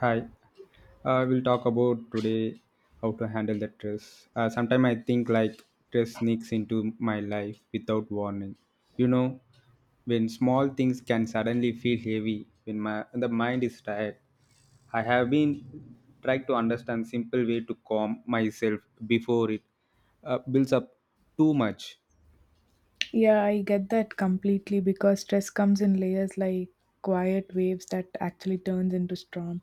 Hi, we'll talk about today how to handle the stress. Sometimes I think like stress sneaks into my life without warning. You know, when small things can suddenly feel heavy when my when the mind is tired. I have been trying to understand simple way to calm myself before it builds up too much. Yeah, I get that completely because stress comes in layers like quiet waves that actually turns into storm.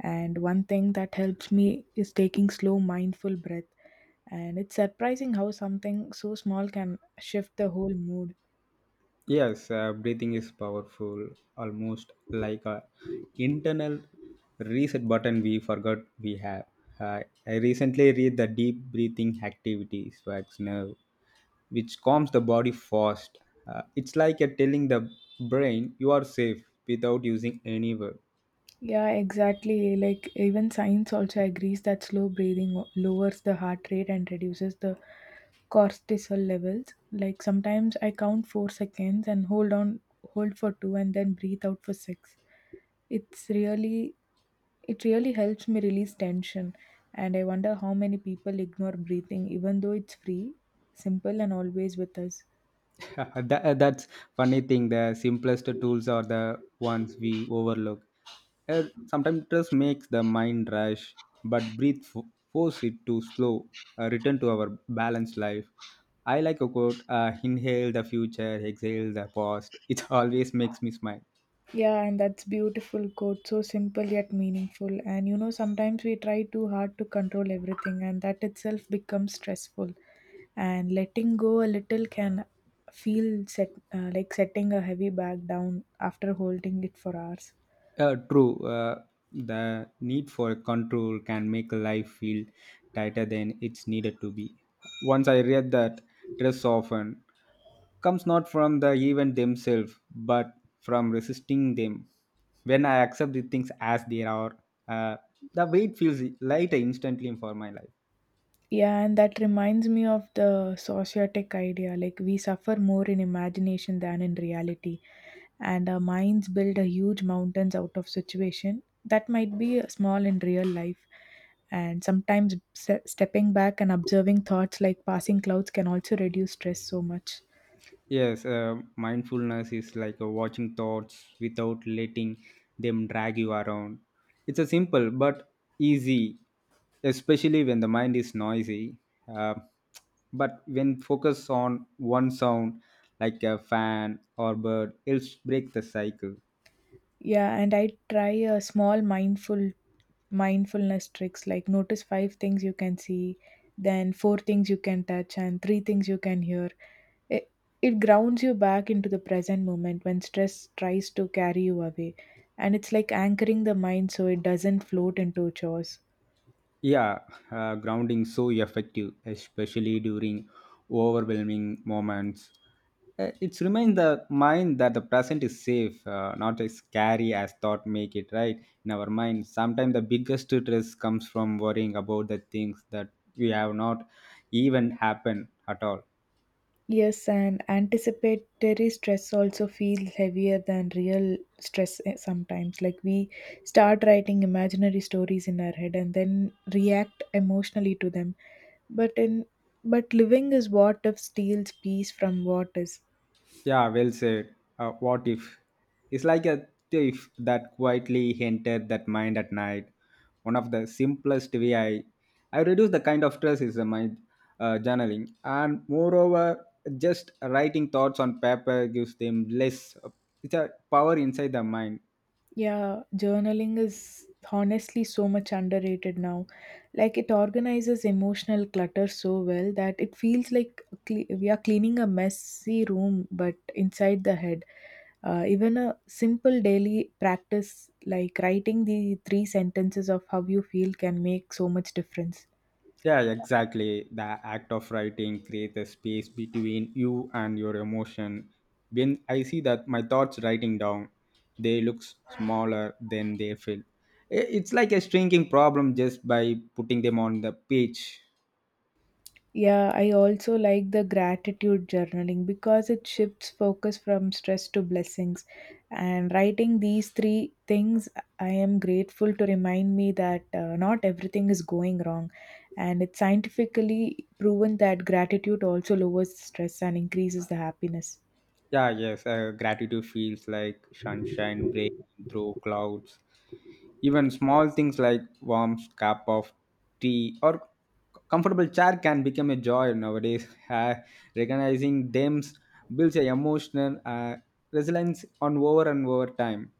And one thing that helps me is taking slow, mindful breath. And it's surprising how something so small can shift the whole mood. Yes, breathing is powerful, almost like a internal reset button we forgot we have. Uh, I recently read the deep breathing activities wax nerve, which calms the body fast. It's like you're telling the brain you are safe without using any word. Yeah, exactly. Like even science also agrees that slow breathing lowers the heart rate and reduces the cortisol levels. Like sometimes I count 4 seconds and hold on, hold for two, and then breathe out for six. It's really it really helps me release tension, and I wonder how many people ignore breathing even though it's free, simple, and always with us. That's funny thing the simplest tools are the ones we overlook. Uh, Sometimes stress makes the mind rush but force it to slow, return to our balanced life. I like a quote, inhale the future exhale the past, it always makes me smile. Yeah, and that's beautiful quote, so simple yet meaningful. And sometimes we try too hard to control everything, and that itself becomes stressful. And letting go a little can feel set, like setting a heavy bag down after holding it for hours. True. The need for control can make life feel tighter than it's needed to be. Once I read that stress often comes not from the event themselves, but from resisting them. When I accept the things as they are, uh, the weight feels lighter instantly for my life. Yeah, and that reminds me of the sociotic idea. Like, we suffer more in imagination than in reality. And our minds build a huge mountains out of situation that might be small in real life. And sometimes stepping back and observing thoughts like passing clouds can also reduce stress so much. Yes, mindfulness is like watching thoughts without letting them drag you around. It's a simple but easy, especially when the mind is noisy. Uh, but when focus on one sound, like a fan or bird, helps break the cycle. Yeah, and I try a small mindfulness tricks like notice five things you can see, then four things you can touch, and three things you can hear. It, it grounds you back into the present moment when stress tries to carry you away, and it's like anchoring the mind so it doesn't float into chores. Yeah, grounding so effective, especially during overwhelming moments. It's remind the mind that the present is safe, not as scary as thought make it. Right in our mind, sometimes the biggest stress comes from worrying about the things that we have not even happened at all. Yes, and anticipatory stress also feels heavier than real stress sometimes. Like we start writing imaginary stories in our head and then react emotionally to them. But in but living is what if steals peace from what is. Yeah, well said. What if? It's like a thief that quietly entered that mind at night. One of the simplest way I reduce the kind of stress is my journaling. And moreover, just writing thoughts on paper gives them less. It's a power inside the mind. Yeah, journaling is honestly so much underrated now. Like it organizes emotional clutter so well that it feels like we are cleaning a messy room, but inside the head. Even a simple daily practice like writing the three sentences of how you feel can make so much difference. Yeah, exactly. The act of writing creates a space between you and your emotion. When I see that my thoughts writing down, they look smaller than they feel. It's like a shrinking problem just by putting them on the page. Yeah, I also like the gratitude journaling because it shifts focus from stress to blessings. And writing these three things, I am grateful to remind me that not everything is going wrong. And it's scientifically proven that gratitude also lowers stress and increases the happiness. Yeah, yes. Gratitude feels like sunshine breaking through clouds. Even small things like warm cup of tea or comfortable chair can become a joy nowadays. Recognizing them builds a emotional resilience on over and over time.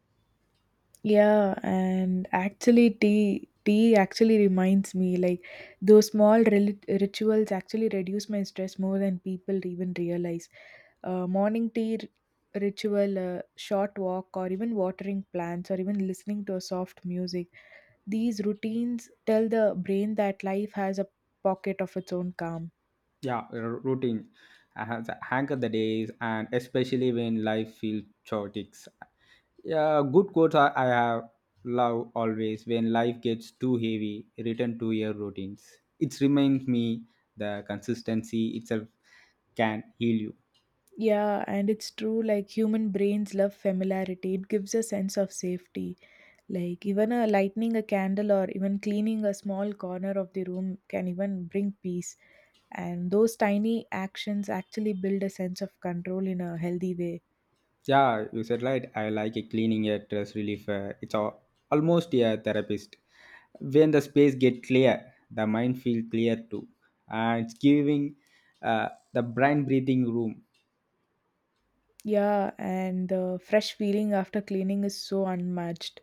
Yeah, and actually, tea actually reminds me like those small rituals actually reduce my stress more than people even realize. Morning tea ritual, short walk, or even watering plants, or even listening to a soft music. These routines tell the brain that life has a pocket of its own calm. Yeah, routine I have the hang of the days and especially when life feels chaotic. Yeah, good quotes I have love always when life gets too heavy return to your routines. It reminds me the consistency itself can heal you. Yeah, and it's true. Like human brains love familiarity; it gives a sense of safety. Like even a lighting a candle or even cleaning a small corner of the room can even bring peace. And those tiny actions actually build a sense of control in a healthy way. Yeah, you said right. I like a cleaning a stress relief. Almost a therapist. When the space get clear, the mind feel clear too, and it's giving the brain breathing room. Yeah, and the fresh feeling after cleaning is so unmatched.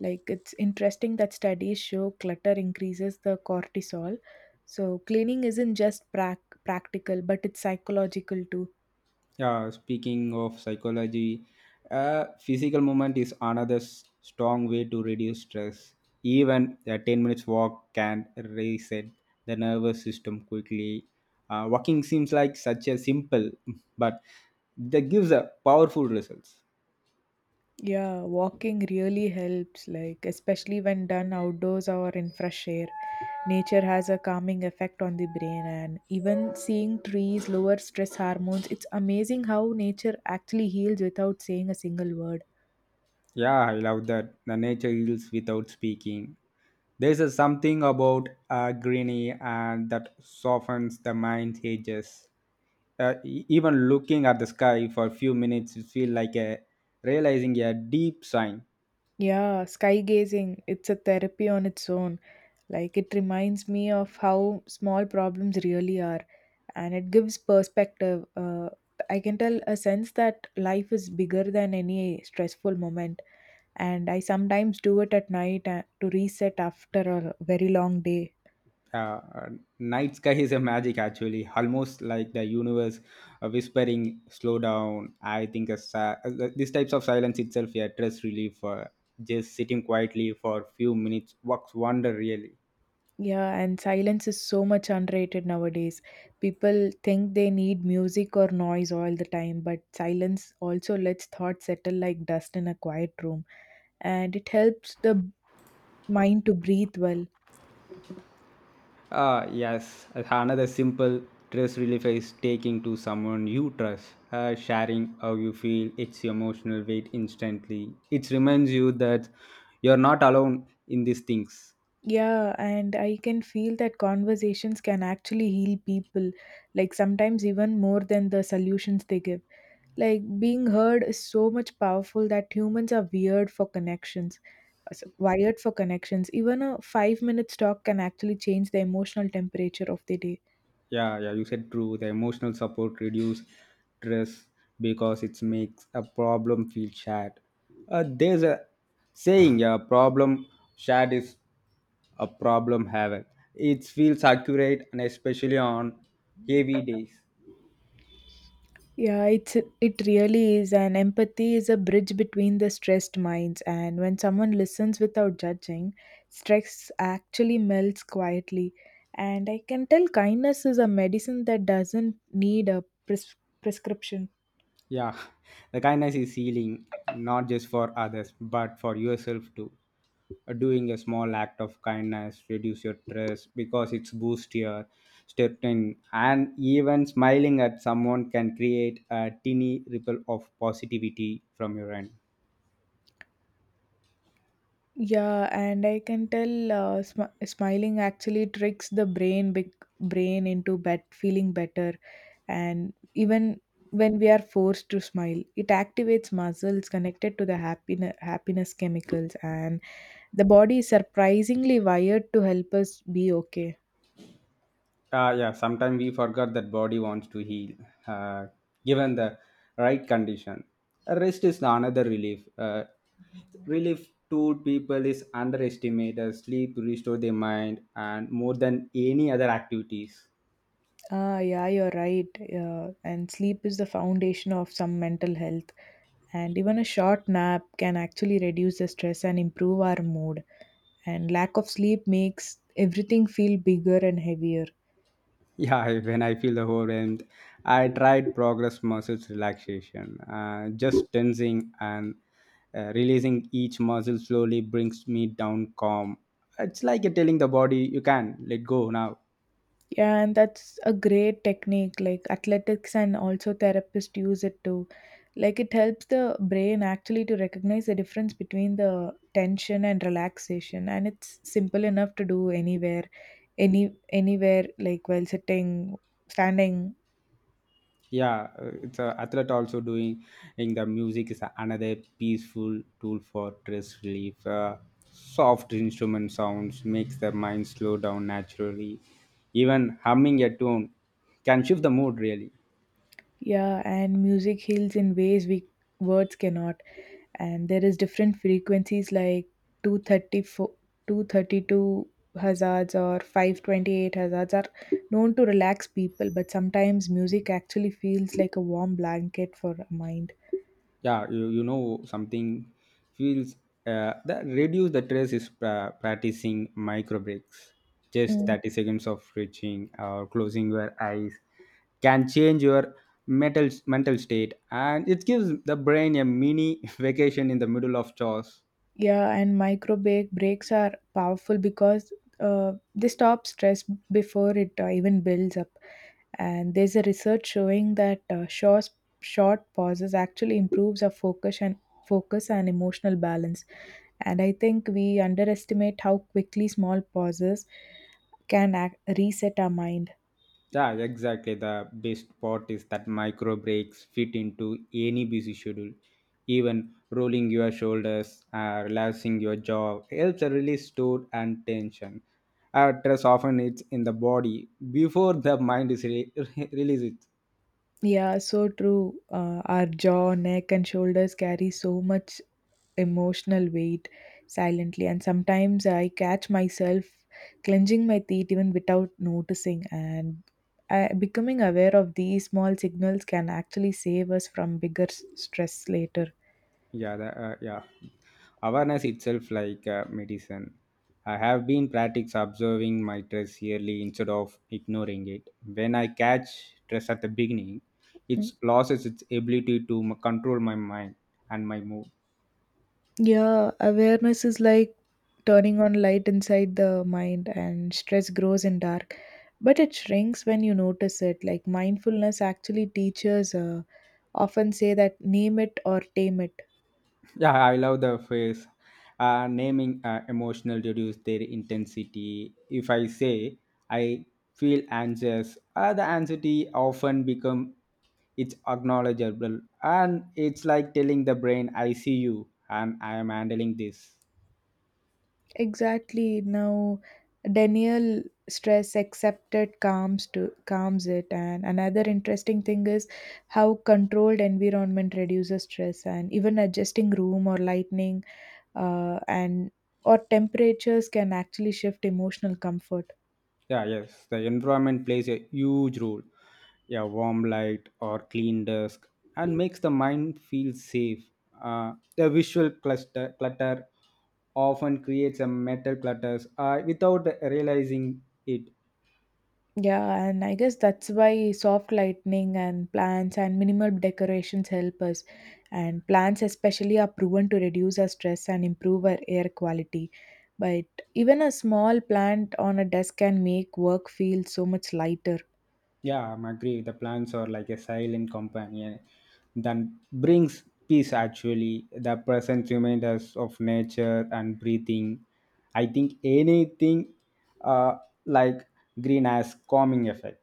Like it's interesting that studies show clutter increases the cortisol. So cleaning isn't just practical, but it's psychological too. Yeah, speaking of psychology, physical movement is another strong way to reduce stress. Even a 10 minutes walk can reset the nervous system quickly. Walking seems like such a simple, but that gives a powerful results. Yeah, walking really helps, like, especially when done outdoors or in fresh air. Nature has a calming effect on the brain, and even seeing trees lower stress hormones. It's amazing how nature actually heals without saying a single word. Yeah, I love that. The nature heals without speaking. There's a something about greeny and that softens the mind's edges. Even looking at the sky for a few minutes, you feel like a, realizing a deep sign. Yeah, sky gazing, it's a therapy on its own. Like, it reminds me of how small problems really are, and it gives perspective. I can tell a sense that life is bigger than any stressful moment. And I sometimes do it at night to reset after a very long day. Uh, uh, Night sky is a magic, actually, almost like the universe whispering, "Slow down." I think this types of silence itself, a stress relief. Just sitting quietly for a few minutes works wonder, really. Yeah, and silence is so much underrated nowadays. People think they need music or noise all the time, but silence also lets thoughts settle like dust in a quiet room, and it helps the mind to breathe well. Ah, yes, another simple stress relief is taking to someone you trust, sharing how you feel, its emotional weight instantly. It reminds you that you're not alone in these things. Yeah, and I can feel that conversations can actually heal people, like sometimes even more than the solutions they give. Like being heard is so much powerful that humans are weird for connections, wired for connections. Even a 5 minutes talk can actually change the emotional temperature of the day. Yeah, yeah, you said true. The emotional support reduce stress because it makes a problem feel shared. There's a saying, a problem shared is a problem haven. It feels accurate and especially on heavy days. Yeah, it really is, and empathy is a bridge between the stressed minds. And when someone listens without judging, stress actually melts quietly. And I can tell kindness is a medicine that doesn't need a prescription. Yeah, the kindness is healing, not just for others, but for yourself too. Doing a small act of kindness reduce your stress because it's boost your step in, and even smiling at someone can create a teeny ripple of positivity from your end. Yeah, and I can tell smiling actually tricks the brain into feeling better. And even when we are forced to smile, it activates muscles connected to the happiness chemicals, and the body is surprisingly wired to help us be okay. Yeah, sometimes we forgot that body wants to heal, uh, given the right condition. Rest is another relief. Relief tool people is underestimated. Sleep restore their mind and more than any other activities. Ah, yeah, you're right, yeah. And sleep is the foundation of some mental health, and even a short nap can actually reduce the stress and improve our mood. And lack of sleep makes everything feel bigger and heavier. Yeah, when I feel overwhelmed, I tried progress muscles relaxation. Just tensing and releasing each muscle slowly brings me down calm. It's like you're telling the body, you can let go now. Yeah, and that's a great technique. Like athletics and also therapists use it too. Like it helps the brain actually to recognize the difference between the tension and relaxation, and it's simple enough to do anywhere, anywhere, like while sitting, standing. Yeah, it's a athlete also doing in the music is another peaceful tool for stress relief, soft instrument sounds makes the mind slow down naturally. Even humming a tune can shift the mood really. Yeah, and music heals in ways we words cannot. And there is different frequencies like 234 232 hazards or 528 hazards are known to relax people, but sometimes music actually feels like a warm blanket for a mind. Yeah, you know something feels that reduce the stress is practicing micro breaks, just Mm. 30 seconds of stretching or closing your eyes can change your mental state and it gives the brain a mini vacation in the middle of chores. Yeah, and micro breaks are powerful because they stop stress before it even builds up. And there's a research showing that short pauses actually improves our focus and emotional balance. And I think we underestimate how quickly small pauses can act, reset our mind. Yeah, exactly. The best part is that micro breaks fit into any busy schedule. Even rolling your shoulders, relaxing your jaw helps release stored and tension. Stress often it's in the body before the mind is releases it. Yeah, so true. Our jaw, neck, and shoulders carry so much emotional weight silently, and sometimes I catch myself clenching my teeth even without noticing. And becoming aware of these small signals can actually save us from bigger stress later. Yeah, awareness itself like medicine. I have been practice observing my stress yearly instead of ignoring it. When I catch stress at the beginning it Mm. loses its ability to control my mind and my mood. Yeah, awareness is like turning on light inside the mind, and stress grows in dark, but it shrinks when you notice it. Like mindfulness actually teaches. Often say that name it or tame it. Yeah, I love the phrase, naming emotional reduce their intensity. If I say I feel anxious, the anxiety often become it's acknowledgeable, and it's like telling the brain I see you and I am handling this. Exactly. Now, denial stress accepted calms it, and another interesting thing is how controlled environment reduces stress. And even adjusting room or lightning and or temperatures can actually shift emotional comfort. Yeah, yes. The environment plays a huge role. Yeah, warm light or clean desk and makes the mind feel safe. The visual cluster clutter often creates a mental clutters without realizing it. Yeah, and I guess that's why soft lighting and plants and minimal decorations help us. And plants, especially, are proven to reduce our stress and improve our air quality. But even a small plant on a desk can make work feel so much lighter. Yeah, I'm agree. The plants are like a silent companion that brings peace actually. The present reminders of nature and breathing. I think anything uh, like green has calming effect.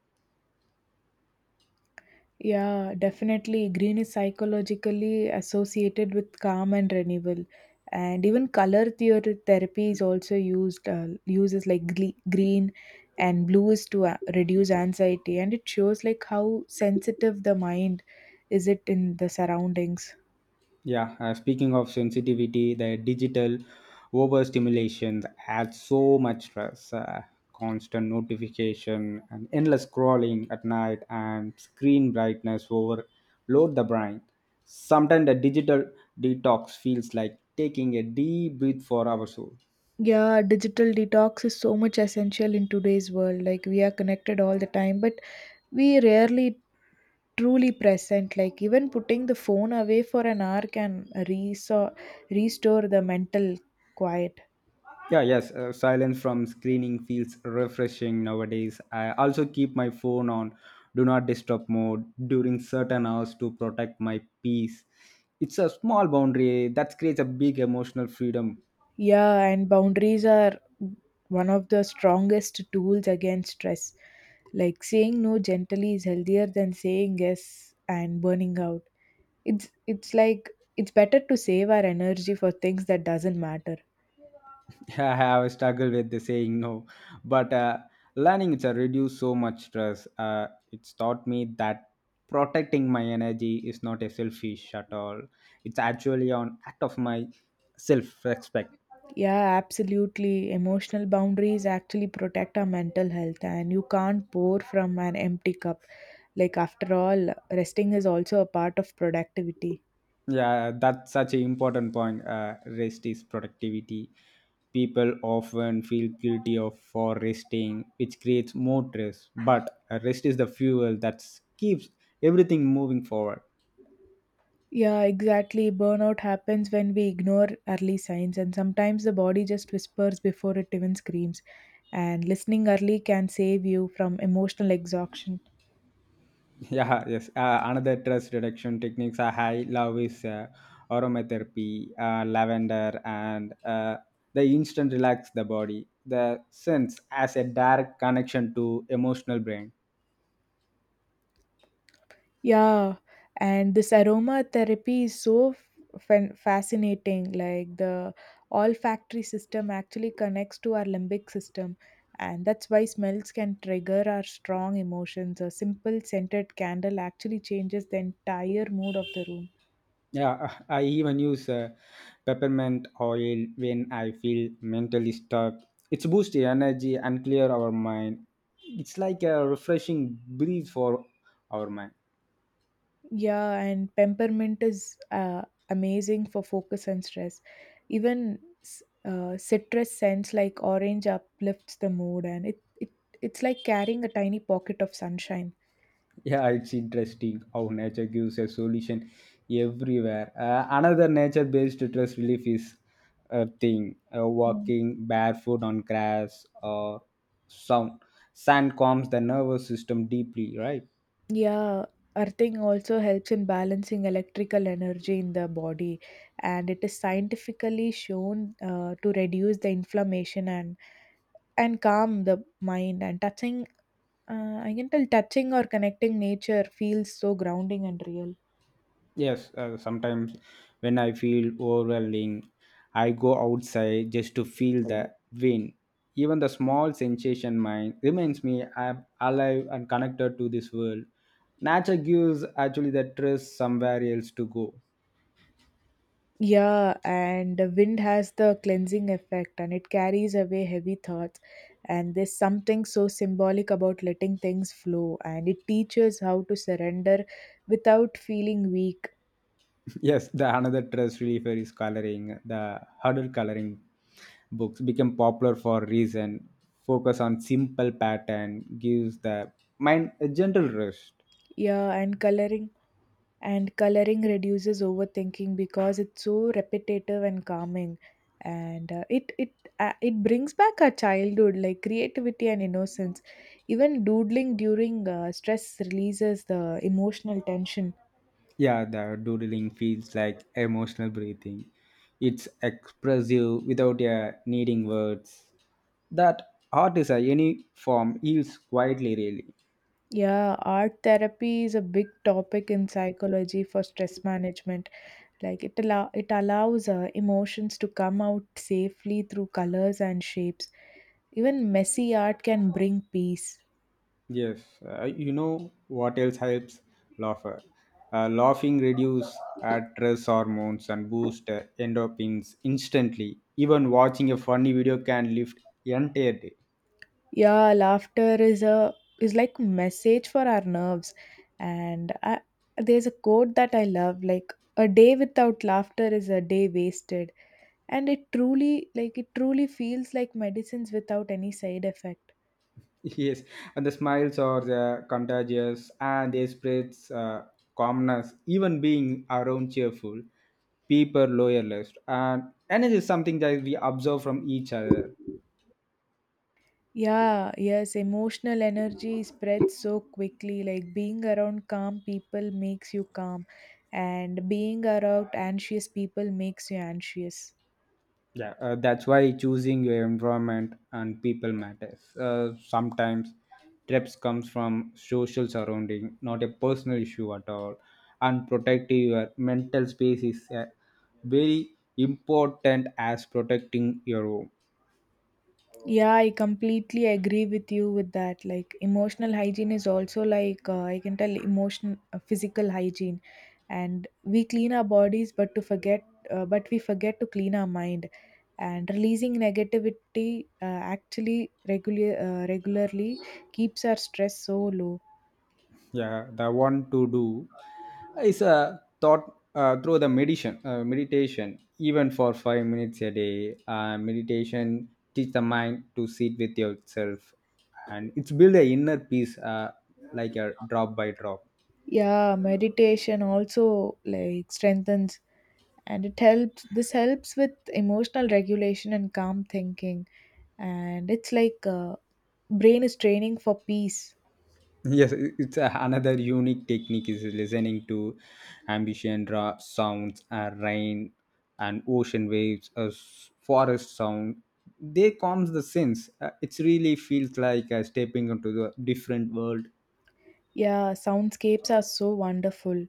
Yeah, definitely. Green is psychologically associated with calm and renewal. And even color theory therapy is also uses like green and blue is to reduce anxiety. And it shows like how sensitive the mind is it in the surroundings. Yeah, speaking of sensitivity, the digital overstimulation adds so much stress. Constant notification and endless scrolling at night and screen brightness overload the brain. Sometimes the digital detox feels like taking a deep breath for our soul. Yeah, digital detox is so much essential in today's world. Like we are connected all the time, but we rarely truly present like even putting the phone away for an hour can reso- restore the mental quiet. Yeah, yes. Silence from screening feels refreshing nowadays. I also keep my phone on do not disturb mode during certain hours to protect my peace. It's a small boundary that creates a big emotional freedom. Yeah, and boundaries are one of the strongest tools against stress, like saying no gently is healthier than saying yes and burning out. It's like it's better to save our energy for things that doesn't matter. I have struggled with the saying no, but learning it's a reduce so much stress. It's taught me that protecting my energy is not a selfish at all. It's actually an act of my self-respect. Yeah, absolutely. Emotional boundaries actually protect our mental health, and you can't pour from an empty cup. Like, after all, resting is also a part of productivity. Yeah, that's such an important point. Rest is productivity. People often feel guilty of for resting, which creates more stress. But rest is the fuel that keeps everything moving forward. Yeah, exactly. Burnout happens when we ignore early signs, and sometimes the body just whispers before it even screams. And listening early can save you from emotional exhaustion. Yeah, yes. Another stress reduction techniques I high love is aromatherapy, lavender, and the instant relax the body. The sense as a direct connection to emotional brain. Yeah, and this aromatherapy is so fascinating. Like the olfactory system actually connects to our limbic system, and that's why smells can trigger our strong emotions. A simple scented candle actually changes the entire mood of the room. Yeah, I even use peppermint oil when I feel mentally stuck. It's boosts the energy and clear our mind. It's like a refreshing breeze for our mind. Yeah, and peppermint is amazing for focus and stress. Even citrus scents like orange uplifts the mood, and it's like carrying a tiny pocket of sunshine. Yeah, it's interesting how nature gives a solution everywhere. Another nature-based stress relief is a thing: Mm. walking barefoot on grass or sound. Sand calms the nervous system deeply, right? Yeah, earthing also helps in balancing electrical energy in the body, and it is scientifically shown to reduce the inflammation and calm the mind. And I can tell touching or connecting nature feels so grounding and real. Yes, sometimes when I feel overwhelming, I go outside just to feel the wind. Even the small sensation mind reminds me I'm alive and connected to this world. Nature gives actually the stress somewhere else to go. Yeah, and the wind has the cleansing effect and it carries away heavy thoughts. And there's something so symbolic about letting things flow, and it teaches how to surrender without feeling weak. Yes, the another stress reliever is coloring. The huddle coloring books become popular for a reason. Focus on simple pattern gives the mind a gentle rest. Yeah, and coloring reduces overthinking because it's so repetitive and calming, and it brings back our childhood, like creativity and innocence. Even doodling during stress releases the emotional tension. Yeah, the doodling feels like emotional breathing. It's expressive without needing words. That art is a any form heals quietly, really. Yeah, art therapy is a big topic in psychology for stress management. Like it allows emotions to come out safely through colors and shapes. Even messy art can bring peace. Yes, you know what else helps laughter? Laughing reduces stress hormones and boosts endorphins instantly. Even watching a funny video can lift entire day. Yeah, laughter is a is like message for our nerves. And there's a quote that I love like a day without laughter is a day wasted. And it truly like it truly feels like medicines without any side effects. Yes, and the smiles are the contagious and they spreads calmness, even being around cheerful, people lower list. And it is something that we observe from each other. Yeah, yes, emotional energy spreads so quickly. Like being around calm people makes you calm, and being around anxious people makes you anxious. Yeah, that's why choosing your environment and people matters. Sometimes trips comes from social surrounding, not a personal issue at all. And protecting your mental space is very important as protecting your home. Yeah, I completely agree with you with that. Like emotional hygiene is also like I can tell emotion physical hygiene and we clean our bodies but to forget but we forget to clean our mind and releasing negativity actually regular regularly keeps our stress so low. Yeah, the one to do is a thought through the meditation, even for 5 minutes a day meditation teach the mind to sit with yourself, and it's build a inner peace, like a drop by drop. Yeah, meditation also like strengthens and it helps with emotional regulation and calm thinking and it's like brain is training for peace. Yes, another unique technique is listening to ambient sounds, rain and ocean waves, forest sound. They calms the sense. It really feels like stepping into the different world. Yeah, soundscapes are so wonderful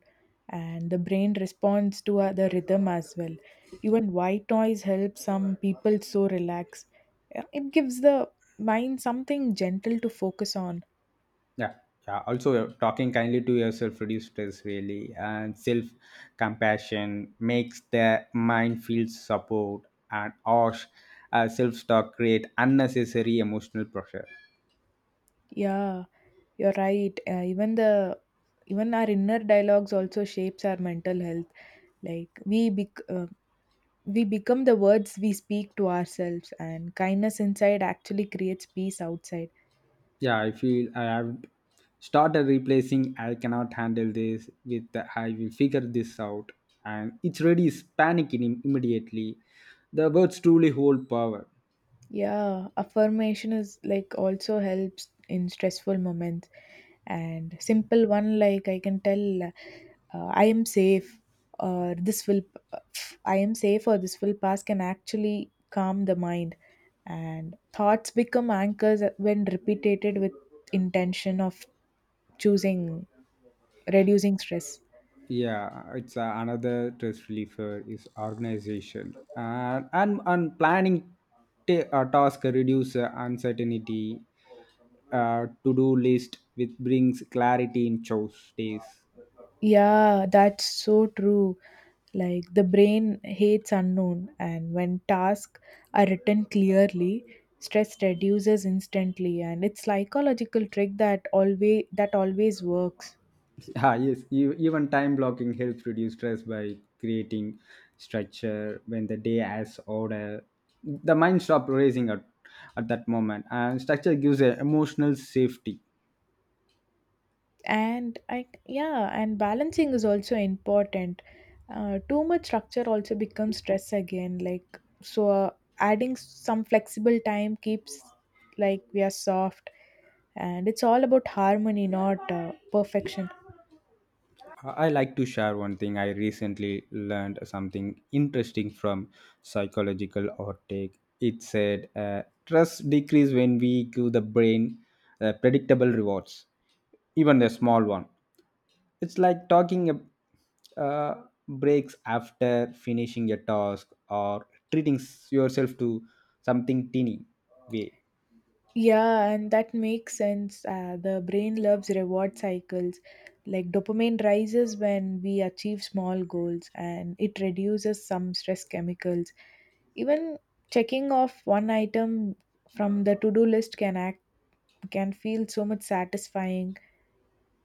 and the brain responds to the rhythm as well. Even white noise helps some people so relax. Yeah, it gives the mind something gentle to focus on. Yeah, yeah. Also, talking kindly to yourself reduces stress really, and self compassion makes the mind feel support and harsh. Self talk create unnecessary emotional pressure. Yeah, you're right, even the even our inner dialogues also shapes our mental health. Like we become the words we speak to ourselves, and kindness inside actually creates peace outside. Yeah, I feel I have started replacing I cannot handle this with the, I will figure this out, and it's really is panicking immediately. The words truly hold power. Yeah, affirmation is like also helps in stressful moments, and simple one like I can tell I am safe or this will I am safe or this will pass can actually calm the mind, and thoughts become anchors when repeated with intention of choosing reducing stress. Yeah, it's another stress reliever is organization and planning task reduce uncertainty. To do list which brings clarity in choice days. Yeah, that's so true. Like the brain hates unknown, and when tasks are written clearly, stress reduces instantly, and it's psychological trick that always works. Ah, yes, even time blocking helps reduce stress by creating structure when the day has order. The mind stops racing at that moment, and structure gives a emotional safety. And balancing is also important. Too much structure also becomes stress again. Adding some flexible time keeps like we are soft, and it's all about harmony, not perfection. I like to share one thing. I recently learned something interesting from psychological outtake. It said trust decrease when we give the brain predictable rewards, even a small one. It's like uh, breaks after finishing a task or treating yourself to something teeny way. Yeah, and that makes sense. The brain loves reward cycles. Like dopamine rises when we achieve small goals, and it reduces some stress chemicals. Even checking off one item from the to-do list can feel so much satisfying.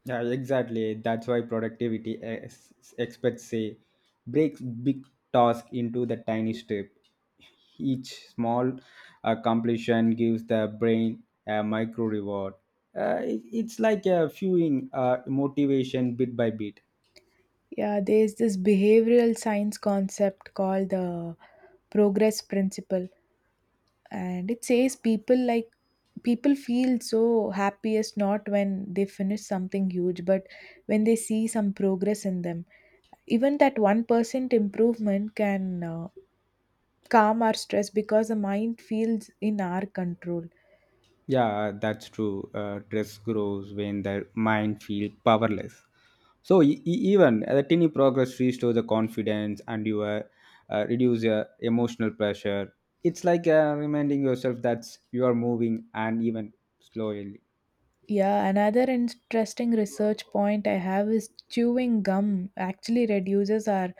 Yeah, exactly. That's why productivity experts say breaks big task into the tiny step. Each small completion gives the brain a micro reward. It's like fueling motivation bit by bit. Yeah, there's this behavioral science concept called the progress principle, and it says people feel so happiest not when they finish something huge, but when they see some progress in them. Even that 1% improvement can calm our stress because the mind feels in our control. Yeah, that's true. Stress grows when the mind feels powerless. So even the tiny progress restores the confidence and you reduce your emotional pressure. It's like reminding yourself that you are moving and even slowly. Yeah, another interesting research point I have is chewing gum actually reduces our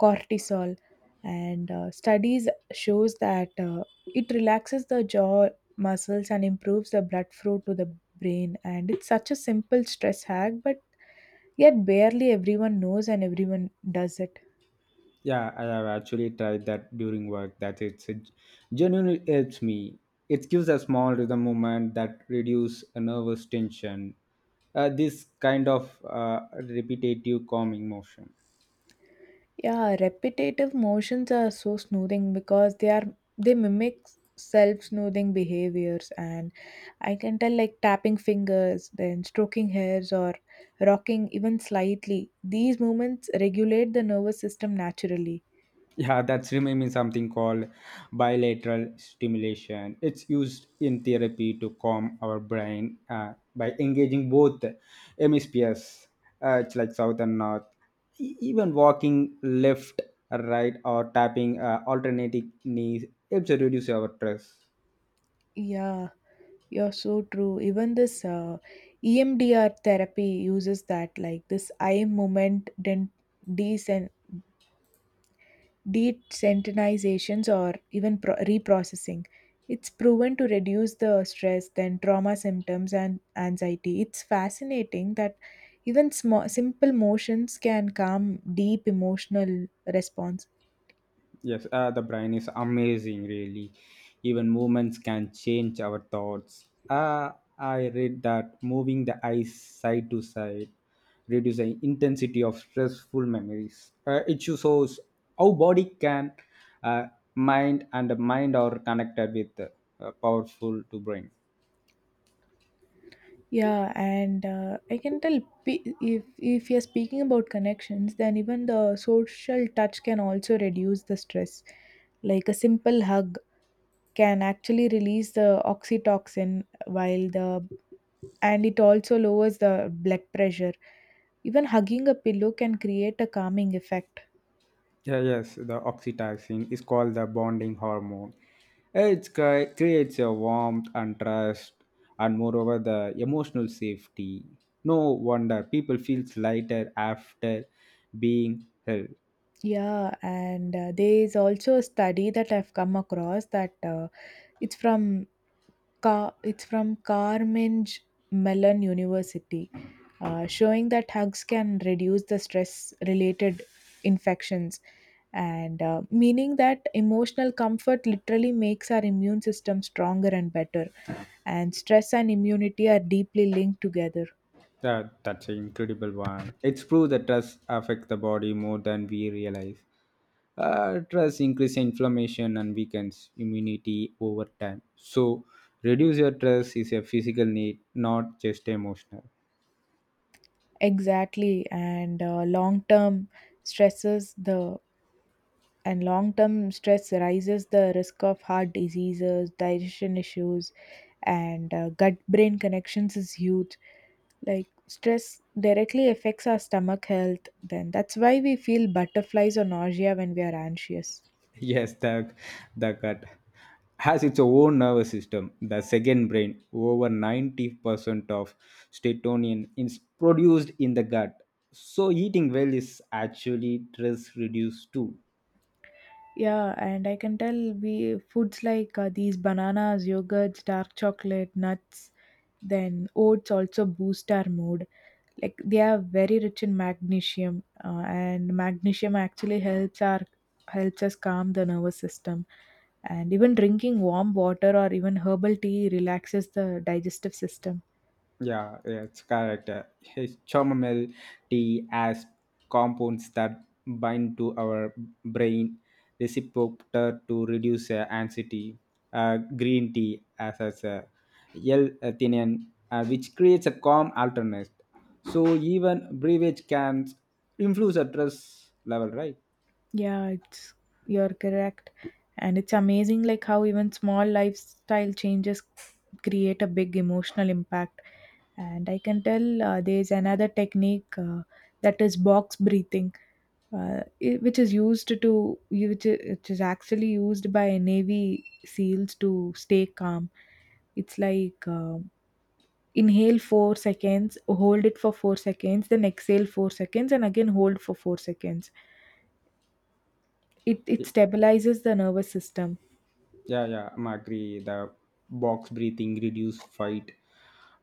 cortisol, and studies shows that it relaxes the jaw muscles and improves the blood flow to the brain. And it's such a simple stress hack, but yet barely everyone knows and everyone does it. Yeah, I have actually tried that during work. That it genuinely helps me. It gives a small rhythm movement that reduce a nervous tension. This kind of repetitive calming motion. Yeah, repetitive motions are so soothing because they mimic self-soothing behaviors, and I can tell like tapping fingers, then stroking hairs or rocking even slightly. These movements regulate the nervous system naturally. Yeah, that's remaining something called bilateral stimulation. It's used in therapy to calm our brain by engaging both hemispheres, it's like south and north. Even walking left, right, or tapping alternating knees helps to reduce our stress. Yeah, you're so true. Even this EMDR therapy uses that like this eye movement desen- desensitizations or even reprocessing. It's proven to reduce the stress, then trauma symptoms, and anxiety. It's fascinating that even small, simple motions can calm deep emotional response. Yes, the brain is amazing, really. Even movements can change our thoughts. I read that moving the eyes side to side reduces the intensity of stressful memories. It shows how body can, uh, mind and mind are connected with powerful to brain. Yeah, and I can tell if you're speaking about connections, then even the social touch can also reduce the stress. Like a simple hug can actually release the oxytocin, while the and it also lowers the blood pressure. Even hugging a pillow can create a calming effect. Yeah, yes, the oxytocin is called the bonding hormone. It creates a warmth and trust, and moreover, the emotional safety. No wonder people feels lighter after being held. Yeah, and there is also a study that I've come across that it's from it's from Carnegie Mellon University, showing that hugs can reduce the stress-related infections, and meaning that emotional comfort literally makes our immune system stronger and better. And stress and immunity are deeply linked together. That's an incredible one. It's proved that trust affects the body more than we realize. Trust increases inflammation and weakens immunity over time. So, reduce your stress is a physical need, not just emotional. Exactly, and long term stresses the and long term stress rises the risk of heart diseases, digestion issues, and gut brain connections is huge. Like stress directly affects our stomach health. Then that's why we feel butterflies or nausea when we are anxious. Yes, the gut has its own nervous system, the second brain. Over 90% of serotonin is produced in the gut. So, eating well is actually stress reduced too. Yeah, and I can tell we foods like these bananas, yogurts, dark chocolate, nuts, then oats also boost our mood. Like they are very rich in magnesium, and magnesium actually helps us calm the nervous system. And even drinking warm water or even herbal tea relaxes the digestive system. Yeah, yeah, it's correct. His chamomile tea has compounds that bind to our brain receptor to reduce anxiety. Green tea as L-theanine, which creates a calm alternate. So even beverage can influence a stress level, right? Yeah, it's you're correct. And it's amazing like how even small lifestyle changes create a big emotional impact. And I can tell there's another technique that is box breathing, which which is actually used by Navy SEALs to stay calm. It's like inhale 4 seconds, hold it for 4 seconds, then exhale 4 seconds, and again hold for 4 seconds. It stabilizes the nervous system. Yeah, yeah, I'm agree. The box breathing reduce fight,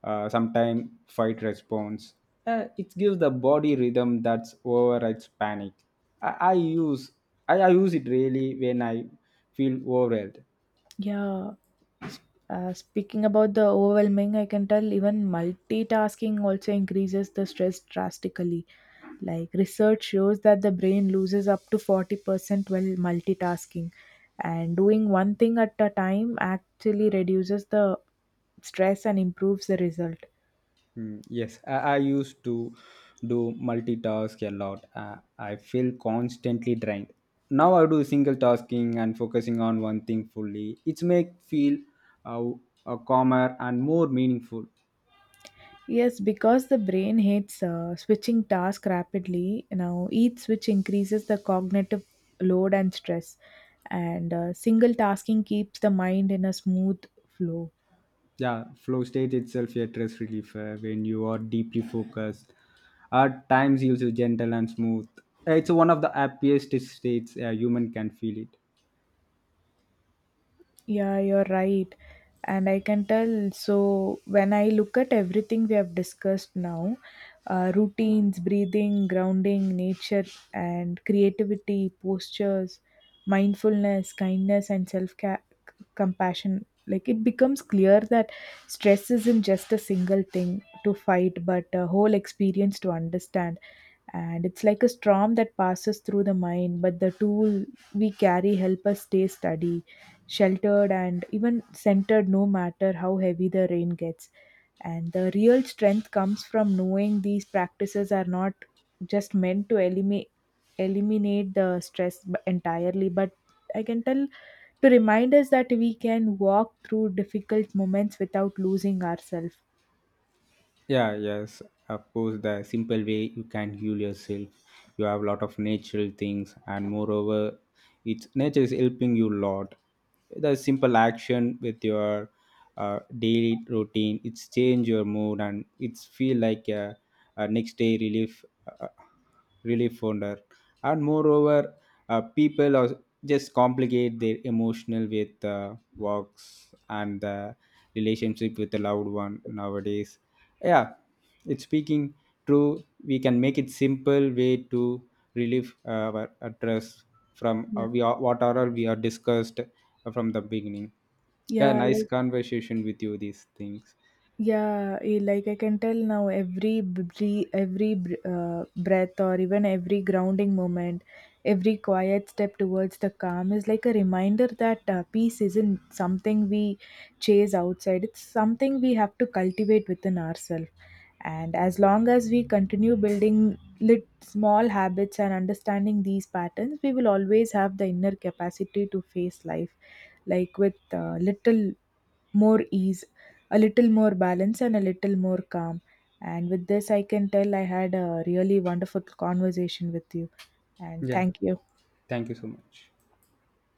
sometimes fight response. It gives the body rhythm that's overrides panic. I, I use I use it really when I feel overwhelmed. Yeah, speaking about the overwhelming, I can tell even multitasking also increases the stress drastically. Like research shows that the brain loses up to 40% while multitasking, and doing one thing at a time actually reduces the stress and improves the result. Mm, yes, I used to do multitask a lot. I feel constantly drained. Now I do single tasking and focusing on one thing fully. It's make feel uh, calmer and more meaningful. Yes, because the brain hates switching tasks rapidly. Now, each switch increases the cognitive load and stress, and single tasking keeps the mind in a smooth flow. Yeah, flow state itself a stress relief, when you are deeply focused at times also gentle and smooth, it's one of the happiest states a human can feel it. Yeah, you're right. And I can tell. So, when I look at everything we have discussed now, routines, breathing, grounding, nature, and creativity, postures, mindfulness, kindness, and self compassion, like it becomes clear that stress isn't just a single thing to fight, but a whole experience to understand. And it's like a storm that passes through the mind, but the tool we carry help us stay steady, sheltered, and even centered no matter how heavy the rain gets. And the real strength comes from knowing these practices are not just meant to eliminate the stress entirely, but I can tell to remind us that we can walk through difficult moments without losing ourselves. Yeah, yes, of course, the simple way you can heal yourself, you have a lot of natural things, and moreover, it's nature is helping you a lot. The simple action with your daily routine, it's change your mood and it's feel like a next day relief. Uh, Really fonder, and moreover, people are just complicate their emotional with works and the relationship with the loved one nowadays. Yeah, it's speaking true, we can make it simple way to relieve our stress from Yeah. We are, what are all we are discussed from the beginning. Yeah, Yeah, nice like. conversation with you, these things. Yeah, like I can tell now every breathe, every breath or even every grounding moment, every quiet step towards the calm is like a reminder that peace isn't something we chase outside. It's something we have to cultivate within ourselves. And as long as we continue building lit small habits and understanding these patterns, we will always have the inner capacity to face life like with little more ease, a little more balance, and a little more calm. And with this, I can tell I had a really wonderful conversation with you. And Yeah. thank you. Thank you so much.